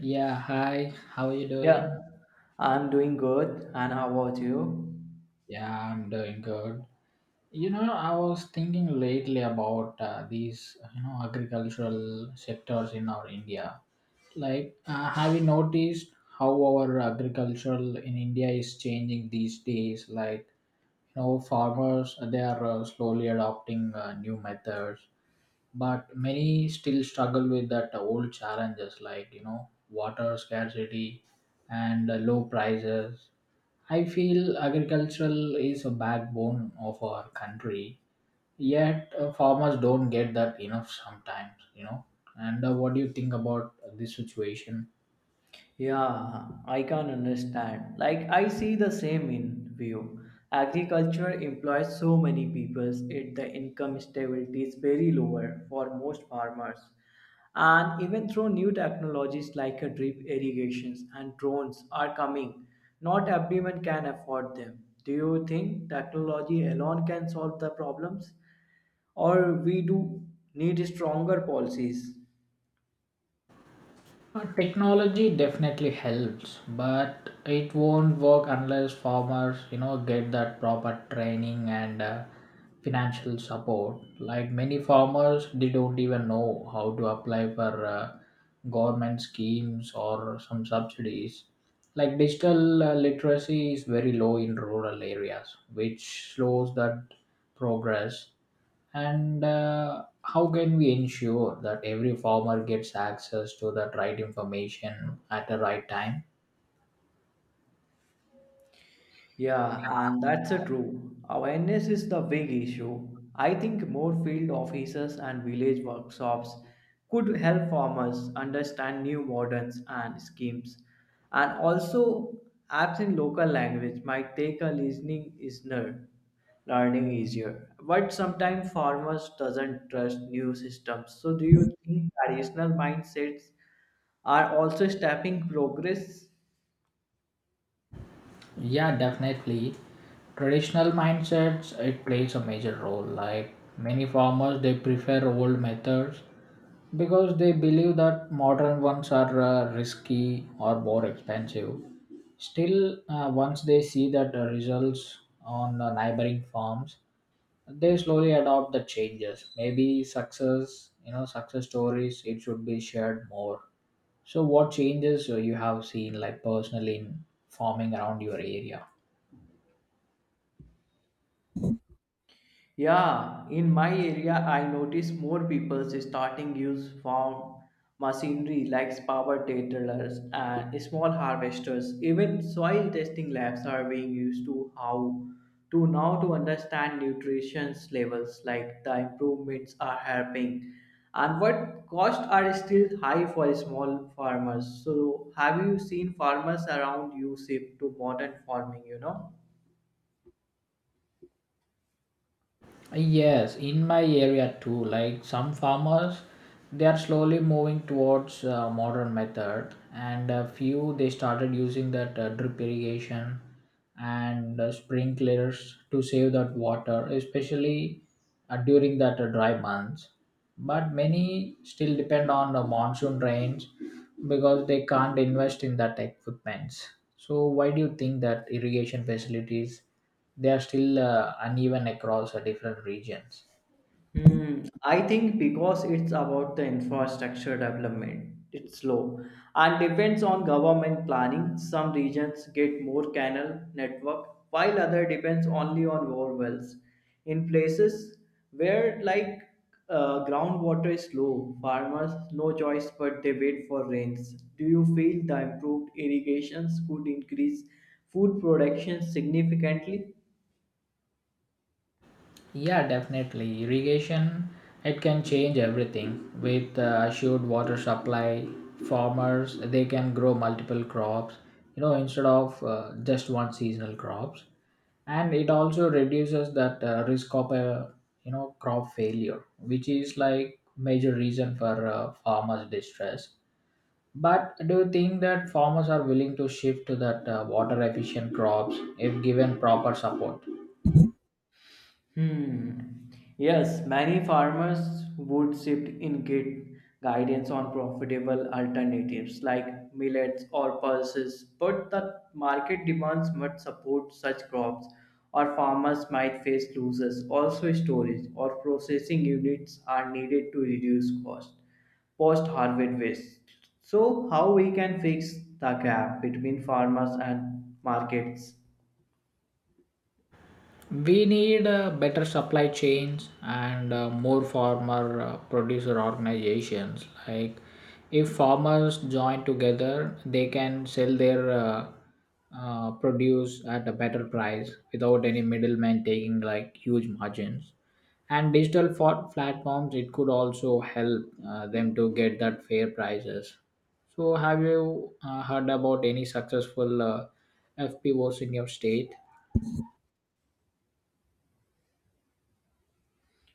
Yeah, hi. How are you Yeah, doing? I'm doing good. And how about you? Yeah, I'm doing good. I was thinking lately about these, agricultural sectors in our India. Have you noticed how our agricultural in India is changing these days? Farmers they are slowly adopting new methods, but many still struggle with that old challenges like, water scarcity and low prices. I feel agricultural is a backbone of our country, yet farmers don't get that enough sometimes. And what do you think about this situation? Yeah, I can understand. Like, I see the same in view. Agriculture employs so many people, yet the income stability is very lower for most farmers. And even through new technologies like a drip irrigations and drones are coming, not everyone can afford them. Do you think technology alone can solve the problems? Or we do need stronger policies? Technology definitely helps, but it won't work unless farmers, get that proper training and financial support. Like many farmers, they don't even know how to apply for government schemes or some subsidies. Like digital literacy is very low in rural areas, which slows that progress. And how can we ensure that every farmer gets access to that right information at the right time? Yeah, and that's a true. Awareness is the big issue. I think more field offices and village workshops could help farmers understand new models and schemes. And also, apps in local language might take a listening listener learning easier. But sometimes farmers doesn't trust new systems. So do you think traditional mindsets are also stopping progress? Yeah, definitely traditional mindsets it plays a major role. Like many farmers they prefer old methods because they believe that modern ones are risky or more expensive. Still, once they see that the results on neighboring farms they slowly adopt the changes. Maybe success, success stories it should be shared more. So what changes you have seen like personally in farming around your area? Yeah, in my area, I notice more people starting use farm machinery like power tillers and small harvesters. Even soil testing labs are being used to how to now to understand nutrition levels. Like the improvements are helping, and what costs are still high for small farmers. So, have you seen farmers around you shift to modern farming? Yes, in my area too, like some farmers they are slowly moving towards modern method, and a few they started using that drip irrigation and sprinklers to save that water, especially during that dry months. But many still depend on the monsoon rains because they can't invest in that equipment. So why do you think that irrigation facilities they are still uneven across different regions? Hmm, I think because it's about the infrastructure development, it's slow and depends on government planning. Some regions get more canal network, while other depends only on bore wells. In places where like groundwater is low, farmers no choice but they wait for rains. Do you feel the improved irrigations could increase food production significantly? Yeah, definitely irrigation it can change everything. With assured water supply farmers they can grow multiple crops, instead of just one seasonal crops. And it also reduces that risk of a, crop failure, which is like major reason for farmers distress. But do you think that farmers are willing to shift to that water efficient crops if given proper support? Hmm. Yes, many farmers would shift in get guidance on profitable alternatives like millets or pulses, but the market demands must support such crops, or farmers might face losses. Also, storage or processing units are needed to reduce cost post harvest waste. So, how we can fix the gap between farmers and markets? We need better supply chains and more farmer producer organizations. Like, if farmers join together, they can sell their produce at a better price without any middleman taking like huge margins. And digital platforms, it could also help them to get that fair prices. So, have you heard about any successful FPOs in your state?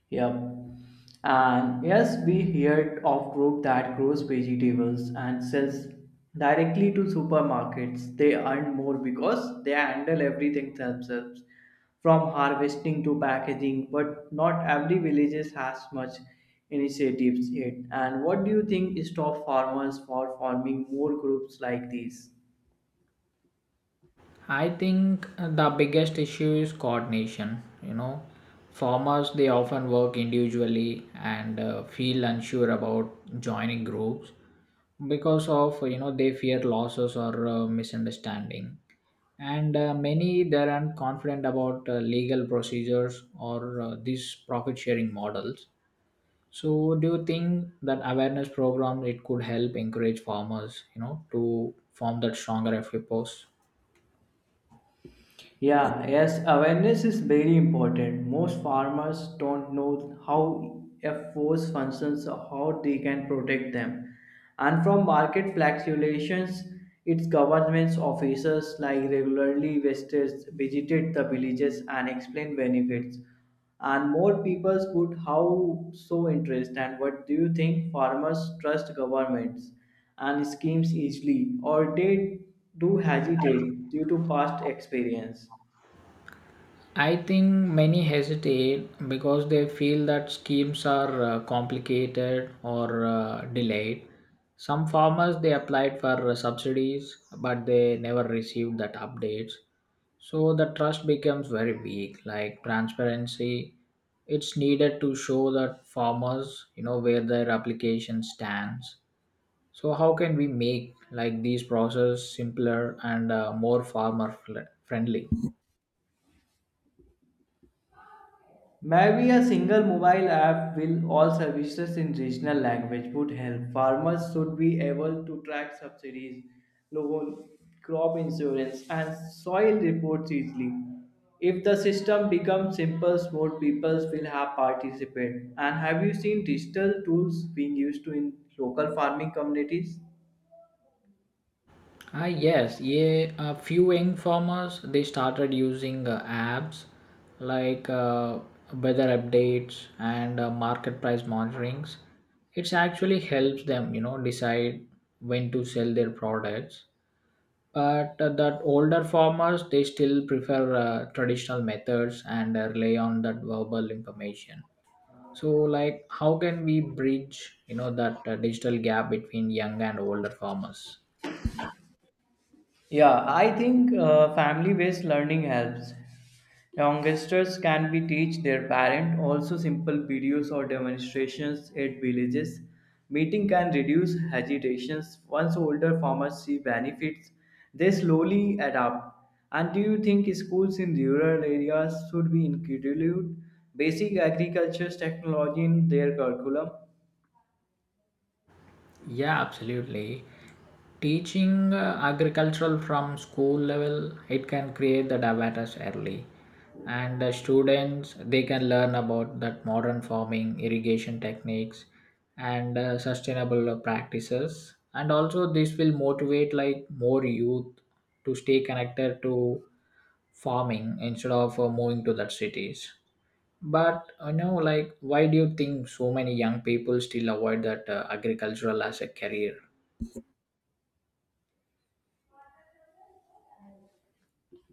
Yep. And yes, we heard of group that grows vegetables and sells directly to supermarkets. They earn more because they handle everything themselves, from harvesting to packaging. But not every villages has much initiatives yet. And what do you think stop farmers for forming more groups like these? I think the biggest issue is coordination. Farmers they often work individually and feel unsure about joining groups because of, they fear losses or misunderstanding. And many they aren't confident about legal procedures or these profit sharing models. So, do you think that awareness program it could help encourage farmers, to form that stronger FPOs? Yeah, yes, awareness is very important. Most farmers don't know how a force functions or how they can protect them. And from market fluctuations, its government's officers like regularly visitors visited the villages and explained benefits. And more people put how so interest, and what do you think, farmers trust governments and schemes easily, or they do hesitate due to past experience? I think many hesitate because they feel that schemes are complicated or delayed. Some farmers they applied for subsidies but they never received that updates. So the trust becomes very weak. Like transparency, it's needed to show that farmers, where their application stands. So how can we make like these process simpler and more farmer friendly? Maybe a single mobile app will all services in regional language would help. Farmers should be able to track subsidies, loan, crop insurance, and soil reports easily. If the system becomes simple, more people will have participate. And have you seen digital tools being used to in local farming communities? Ah, yes, yeah. A few young farmers they started using apps like weather updates and market price monitorings. It's actually helps them, decide when to sell their products. But that older farmers they still prefer traditional methods and rely on that verbal information. So, like, how can we bridge, that digital gap between young and older farmers? Yeah, I think family-based learning helps. Youngsters can be teach their parent also simple videos or demonstrations at villages. Meeting can reduce hesitations. Once older farmers see benefits, they slowly adapt. And do you think schools in rural areas should be include basic agriculture technology in their curriculum? Yeah, absolutely. Teaching agricultural from school level, it can create that awareness early, and students they can learn about that modern farming, irrigation techniques, and sustainable practices. And also, this will motivate like more youth to stay connected to farming instead of moving to that cities. But why do you think so many young people still avoid that agricultural as a career?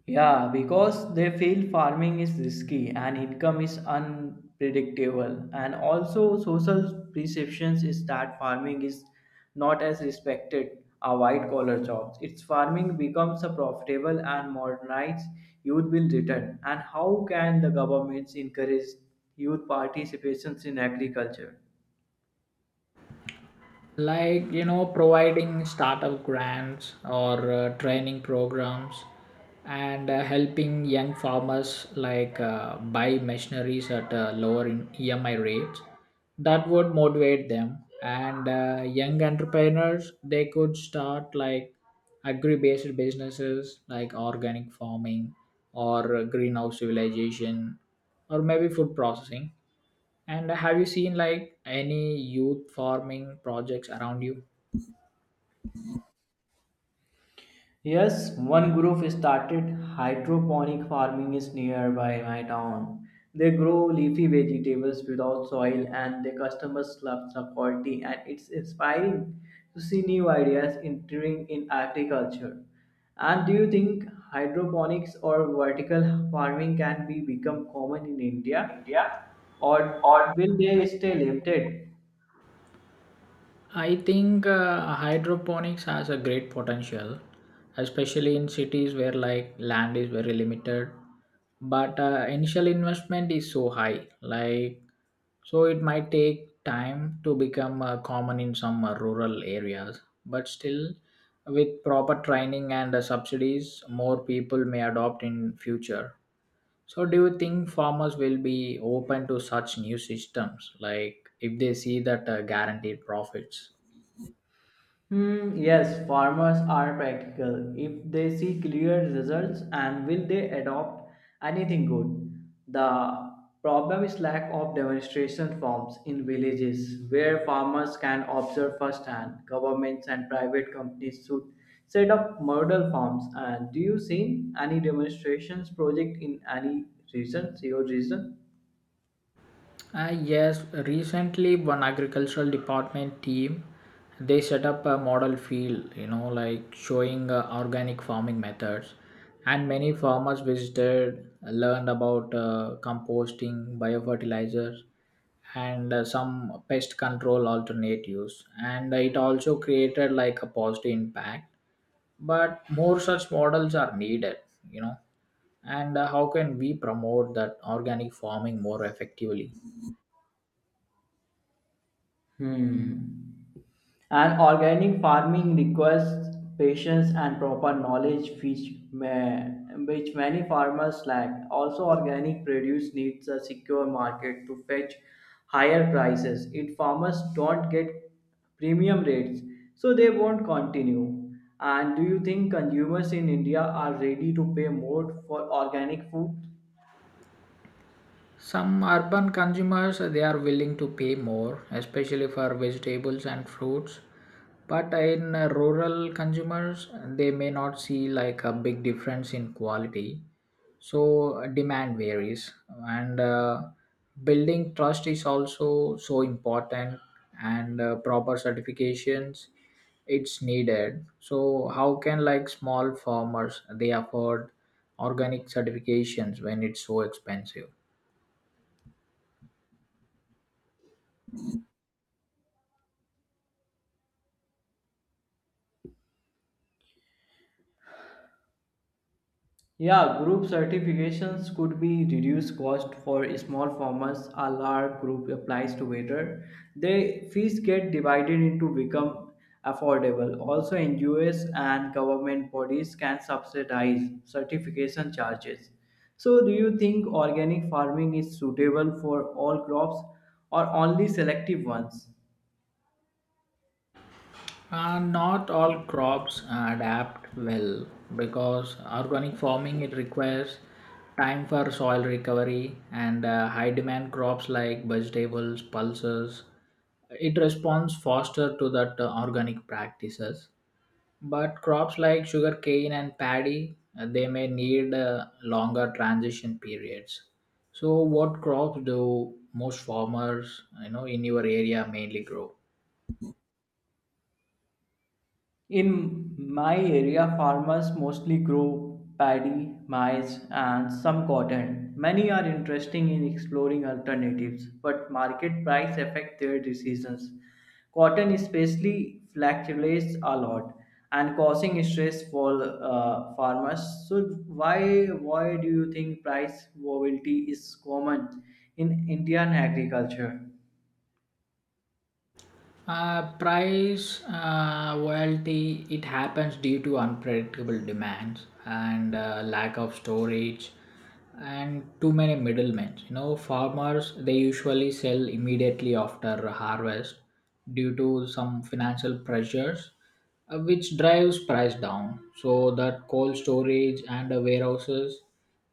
Yeah, because they feel farming is risky and income is unpredictable. And also, social perceptions is that farming is not as respected a white collar jobs. It's farming becomes a profitable and modernized youth will return. And how can the governments encourage youth participations in agriculture? Like, providing startup grants or training programs and helping young farmers like buy machineries at lower in emi rates. That would motivate them. And young entrepreneurs they could start like agri-based businesses like organic farming or greenhouse civilization or maybe food processing. And have you seen like any youth farming projects around you? Yes, one group started hydroponic farming is nearby my town. They grow leafy vegetables without soil and their customers love the quality and it's inspiring to see new ideas entering in agriculture. And do you think hydroponics or vertical farming can be become common in India or will they stay limited? I think hydroponics has a great potential, especially in cities where like land is very limited, but initial investment is so high. Like so, it might take time to become common in some rural areas, but still, with proper training and subsidies, more people may adopt in future. So, do you think farmers will be open to such new systems, like if they see that guaranteed profits? Hmm, yes, farmers are practical. If they see clear results and will they adopt anything good? The problem is lack of demonstration farms in villages where farmers can observe firsthand. Governments and private companies should set up model farms. And do you see any demonstrations project in any region, your region? Yes, recently one agricultural department team they set up a model field, like showing organic farming methods, and many farmers visited, learned about composting, biofertilizers, and some pest control alternatives. And it also created like a positive impact, but more such models are needed you know and how can we promote that organic farming more effectively? Hmm. And organic farming requires patience and proper knowledge, which many farmers lack. Also, organic produce needs a secure market to fetch higher prices. If farmers don't get premium rates, so they won't continue. And do you think consumers in India are ready to pay more for organic food? Some urban consumers they are willing to pay more, especially for vegetables and fruits. But in rural consumers, they may not see like a big difference in quality. So demand varies, and building trust is also so important, and proper certifications it's needed. So how can like small farmers they afford organic certifications when it's so expensive? Yeah, group certifications could be reduced cost for small farmers. A large group applies together. The fees get divided into become affordable. Also, NGOs and government bodies can subsidize certification charges. So, do you think organic farming is suitable for all crops or only selective ones? Not all crops adapt well because organic farming it requires time for soil recovery, and high demand crops like vegetables, pulses. It responds faster to that organic practices. But crops like sugarcane and paddy, they may need longer transition periods. So, what crops do most farmers, in your area mainly grow? In my area, farmers mostly grow paddy, maize, and some cotton. Many are interested in exploring alternatives, but market price affect their decisions. Cotton especially fluctuates a lot and causing stress for farmers. So why do you think price volatility is common in Indian agriculture? Price volatility it happens due to unpredictable demands and lack of storage and too many middlemen. Farmers they usually sell immediately after harvest due to some financial pressures, which drives price down. So that cold storage and warehouses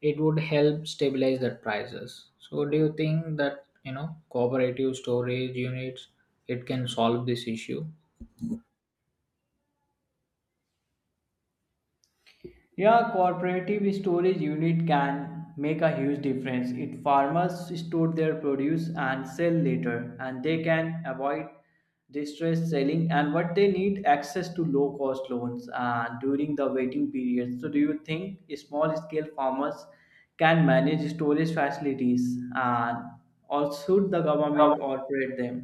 it would help stabilize the prices. So, do you think that, cooperative storage units it can solve this issue? Yeah, cooperative storage unit can make a huge difference. It farmers store their produce and sell later, and they can avoid distress selling and what they need access to low cost loans and during the waiting period. So, do you think small scale farmers can manage storage facilities and or should the government operate them?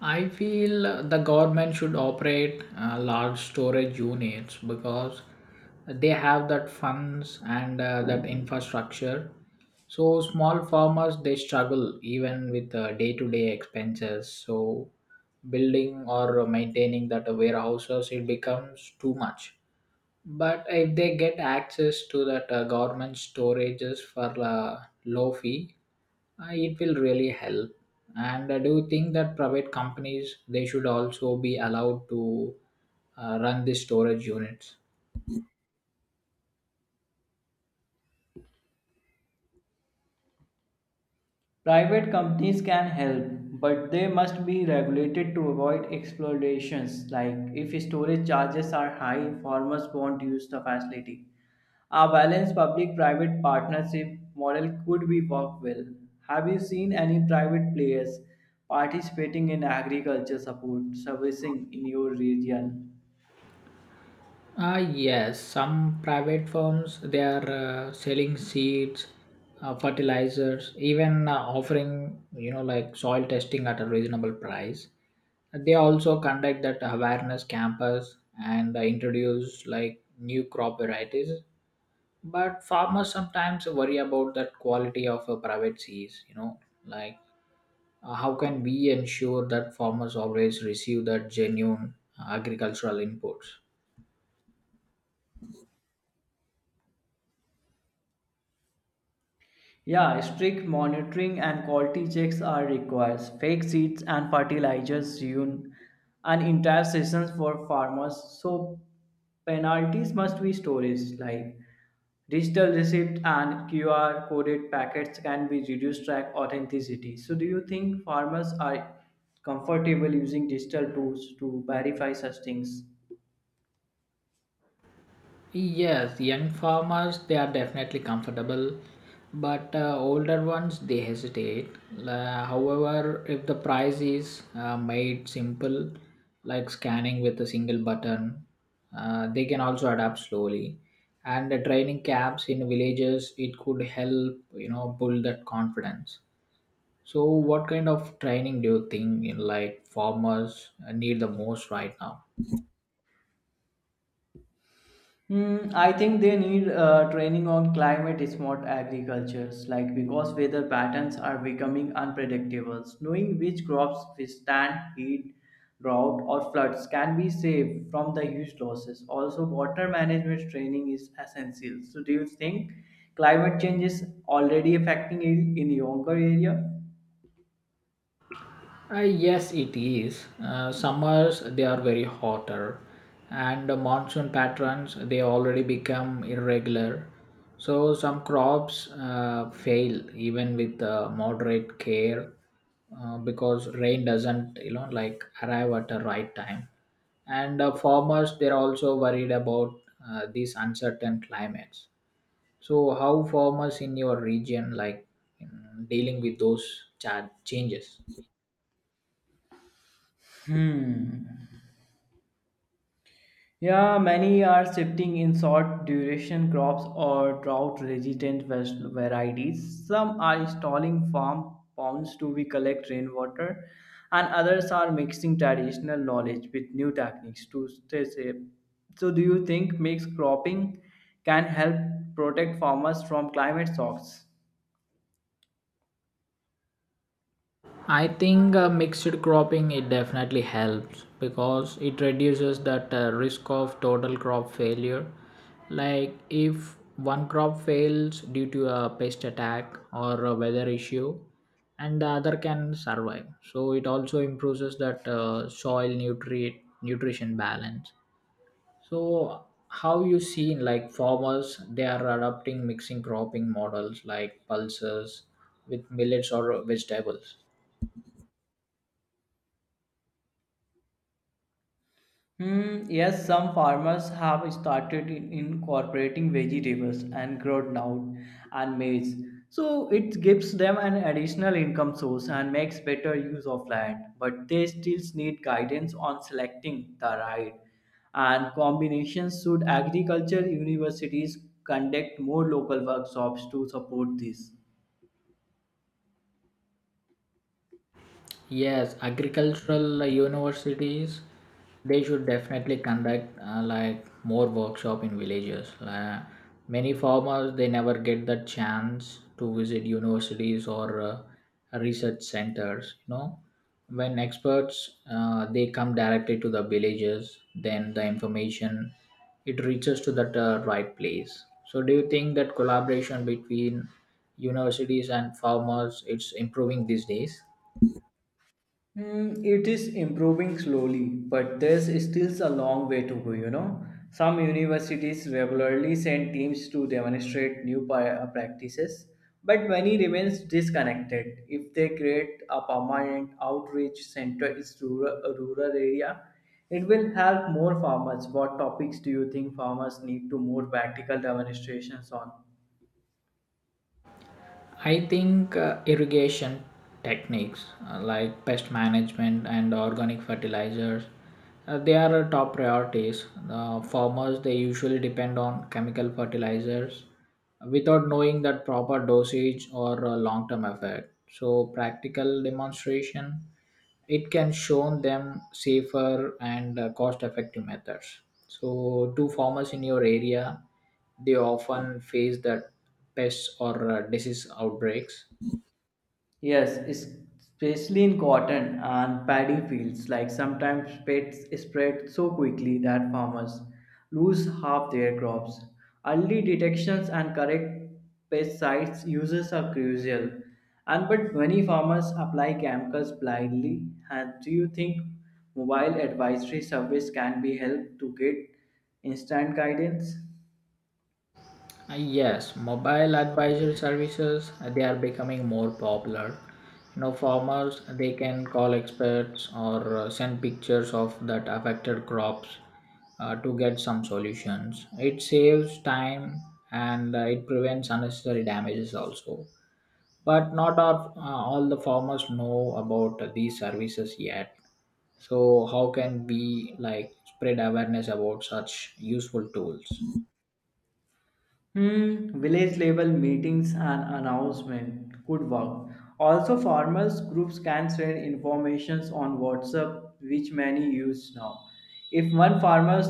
I feel the government should operate large storage units because they have that funds and that infrastructure. So small farmers they struggle even with day to day expenses. So building or maintaining that warehouses it becomes too much. But if they get access to that government storages for low fee, it will really help. And I do think that private companies they should also be allowed to run these storage units. Private companies can help, but they must be regulated to avoid exploitations. Like if storage charges are high, farmers won't use the facility. A balanced public-private partnership model could be worked well. Have you seen any private players participating in agriculture support servicing in your region? Ah, yes, some private firms they are selling seeds, fertilizers, even offering, like soil testing at a reasonable price. They also conduct that awareness campus and introduce like new crop varieties. But farmers sometimes worry about that quality of a private seeds. How can we ensure that farmers always receive that genuine agricultural inputs? Yeah, strict monitoring and quality checks are required. Fake seeds and fertilizers ruin an entire season for farmers. So penalties must be storage like digital receipt and QR coded packets can be reduced track authenticity. So do you think farmers are comfortable using digital tools to verify such things? Yes, young farmers they are definitely comfortable, but older ones they hesitate. However, if the price is made simple, like scanning with a single button, they can also adapt slowly. And the training camps in villages it could help, build that confidence. So, what kind of training do you think in like farmers need the most right now? Hmm, I think they need training on climate smart agricultures, like because weather patterns are becoming unpredictable. Knowing which crops withstand heat, drought, or floods can be saved from the huge losses. Also, water management training is essential. So, do you think climate change is already affecting it in your area? Yes, it is. Summers they are very hotter, and the monsoon patterns they already become irregular. So some crops fail even with moderate care, because rain doesn't, like arrive at the right time. And farmers they're also worried about these uncertain climates. So how farmers in your region like, mm, dealing with those changes? Yeah, many are shifting in short duration crops or drought resistant varieties. Some are installing farm ponds to be collect rainwater, and others are mixing traditional knowledge with new techniques to stay safe. So, do you think mixed cropping can help protect farmers from climate shocks? I think mixed cropping it definitely helps because it reduces that risk of total crop failure. Like if one crop fails due to a pest attack or a weather issue, and the other can survive. So it also improves that soil nutrient nutrition balance. So how you seen like farmers they are adopting mixing cropping models like pulses with millets or vegetables? Hmm, yes, some farmers have started in incorporating vegetables and groundnut and maize. So it gives them an additional income source and makes better use of land. But they still need guidance on selecting the right and combinations. Should agriculture universities conduct more local workshops to support this? Yes, agricultural universities they should definitely conduct more workshop in villages. Many farmers they never get the chance to visit universities or research centers. When experts they come directly to the villages, then the information it reaches to that right place. So, do you think that collaboration between universities and farmers it's improving these days? Mm, it is improving slowly, but there's still a long way to go, you know. Some universities regularly send teams to demonstrate new practices, but many remains disconnected. If they create a permanent outreach center in rural area, it will help more farmers. What topics do you think farmers need to more practical demonstrations on? I think irrigation techniques like pest management and organic fertilizers they are top priorities. Farmers they usually depend on chemical fertilizers without knowing that proper dosage or long term effect. So practical demonstration it can show them safer and cost effective methods. So do farmers in your area they often face that pests or disease outbreaks? Yes, especially in cotton and paddy fields, like sometimes pests spread so quickly that farmers lose half their crops. Early detections and correct pesticides uses are crucial. And but many farmers apply chemicals blindly. And do you think mobile advisory service can be help to get instant guidance? Yes, mobile advisory services they are becoming more popular. You know, farmers they can call experts or send pictures of that affected crops to get some solutions. It saves time and it prevents unnecessary damages also. But not all, all the farmers know about these services yet. So how can we like spread awareness about such useful tools? Hmm, village level meetings and announcement could work. Also, farmers groups can send informations on WhatsApp, which many use now. If one farmer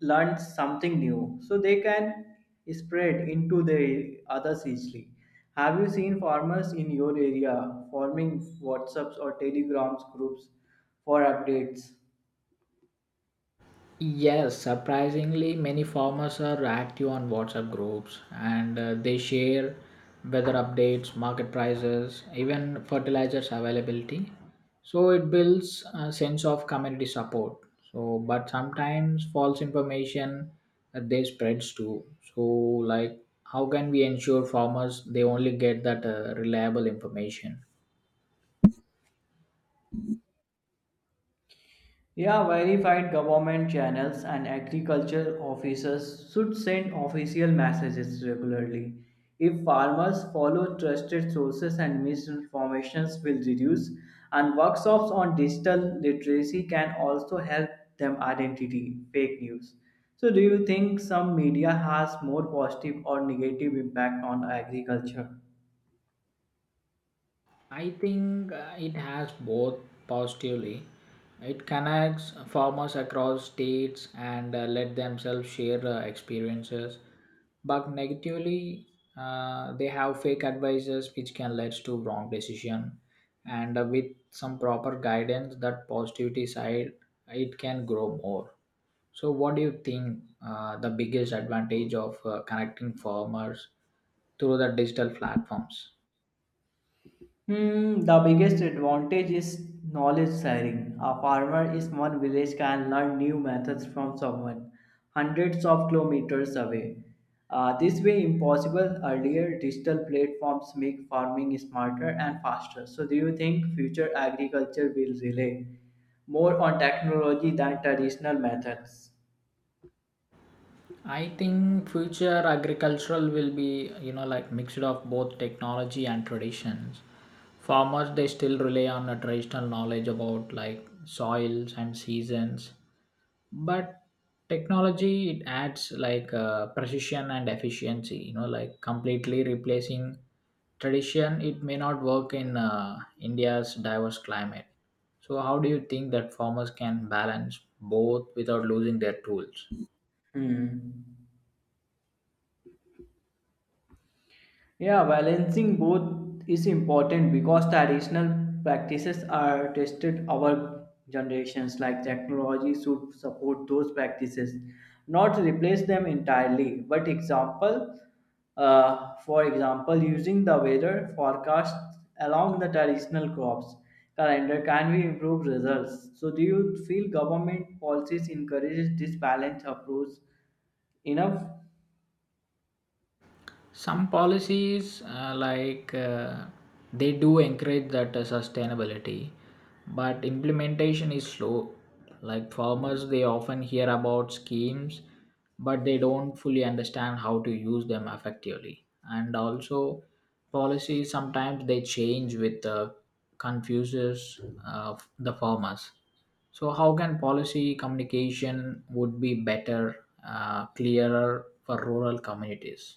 learns something new, so they can spread into the others easily. Have you seen farmers in your area forming WhatsApps or Telegrams groups for updates? Yes, surprisingly, many farmers are active on WhatsApp groups and they share weather updates, market prices, even fertilizers availability. So it builds a sense of community support. So, but sometimes false information they spreads too. So, like, how can we ensure farmers they only get that reliable information? Yeah, verified government channels and agriculture officers should send official messages regularly. If farmers follow trusted sources and misinformations will reduce and workshops on digital literacy can also help them identity fake news. So do you think some media has more positive or negative impact on agriculture? I think it has both positively. It connects farmers across states and let themselves share experiences. But negatively, they have fake advices which can lead to wrong decision. And with some proper guidance, that positivity side, it can grow more. So, what do you think the biggest advantage of connecting farmers through the digital platforms? Hmm, the biggest advantage is knowledge sharing. A farmer in one village can learn new methods from someone hundreds of kilometers away. This way, impossible earlier digital platforms make farming smarter and faster. So, do you think future agriculture will rely more on technology than traditional methods? I think future agricultural will be, you know, like mixed of both technology and traditions. Farmers they still rely on a traditional knowledge about like soils and seasons, but technology it adds like precision and efficiency. You know, like completely replacing tradition it may not work in India's diverse climate. So how do you think that farmers can balance both without losing their tools? Hmm. Yeah, balancing both is important because traditional practices are tested our generations like technology should support those practices, not replace them entirely. For example, using the weather forecast along the traditional crops calendar can we improve results. So do you feel government policies encourages this balanced approach enough? Some policies they do encourage that sustainability, but implementation is slow. Like farmers they often hear about schemes, but they don't fully understand how to use them effectively. And also policies sometimes they change with confuses the farmers. So how can policy communication would be better, clearer for rural communities?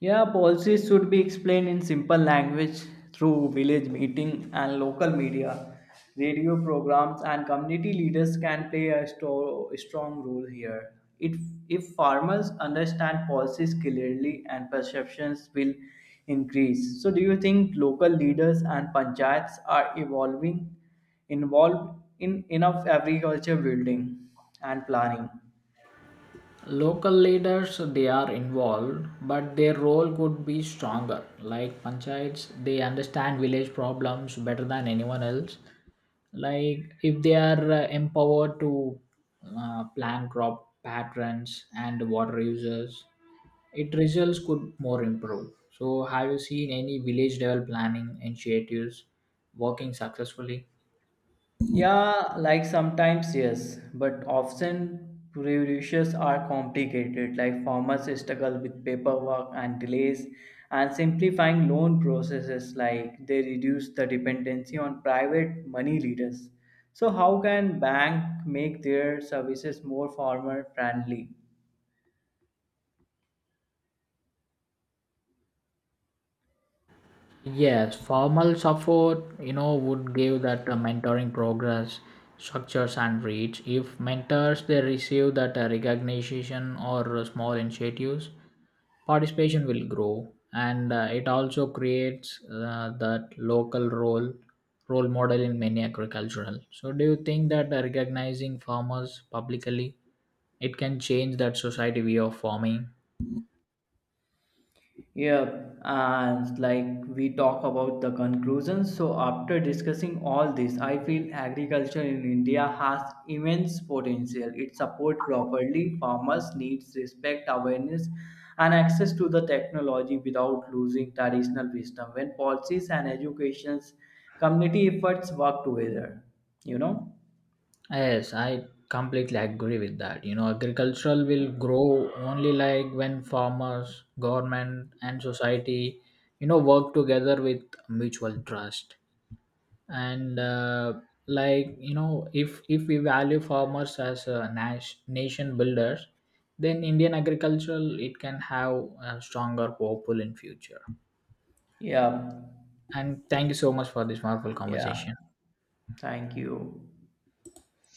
Yeah, policies should be explained in simple language through village meeting and local media, radio programs, and community leaders can play a strong role here. If, if farmers understand policies clearly and perceptions will increase. So, do you think local leaders and panchayats are evolving involved in enough agriculture building and planning? Local leaders they are involved, but their role could be stronger. Like panchayats they understand village problems better than anyone else. Like if they are empowered to plan crop patterns and water uses, it results could more improve. So have you seen any village level planning initiatives working successfully? Yeah, like sometimes yes, but often producers are complicated, like farmers struggle with paperwork and delays, and simplifying loan processes, like they reduce the dependency on private money lenders. So how can bank make their services more farmer friendly? Yes, formal support, you know, would give that mentoring progress, structures and reach. If mentors they receive that recognition or small initiatives, participation will grow, and it also creates that local role model in many agricultural. So, do you think that recognizing farmers publicly, it can change that society view of farming? Yeah, and like we talk about the conclusions. So, after discussing all this, I feel agriculture in India has immense potential. It supports properly farmers needs respect, awareness, and access to the technology without losing traditional wisdom. When policies and education's community efforts work together, you know. Yes, I completely agree with that. You know, agricultural will grow only like when farmers, government, and society, you know, work together with mutual trust. And like you know, If we value farmers as nation builders, then Indian agricultural it can have a stronger, hopeful in future. Yeah, And thank you so much for this wonderful yeah. conversation. Thank you.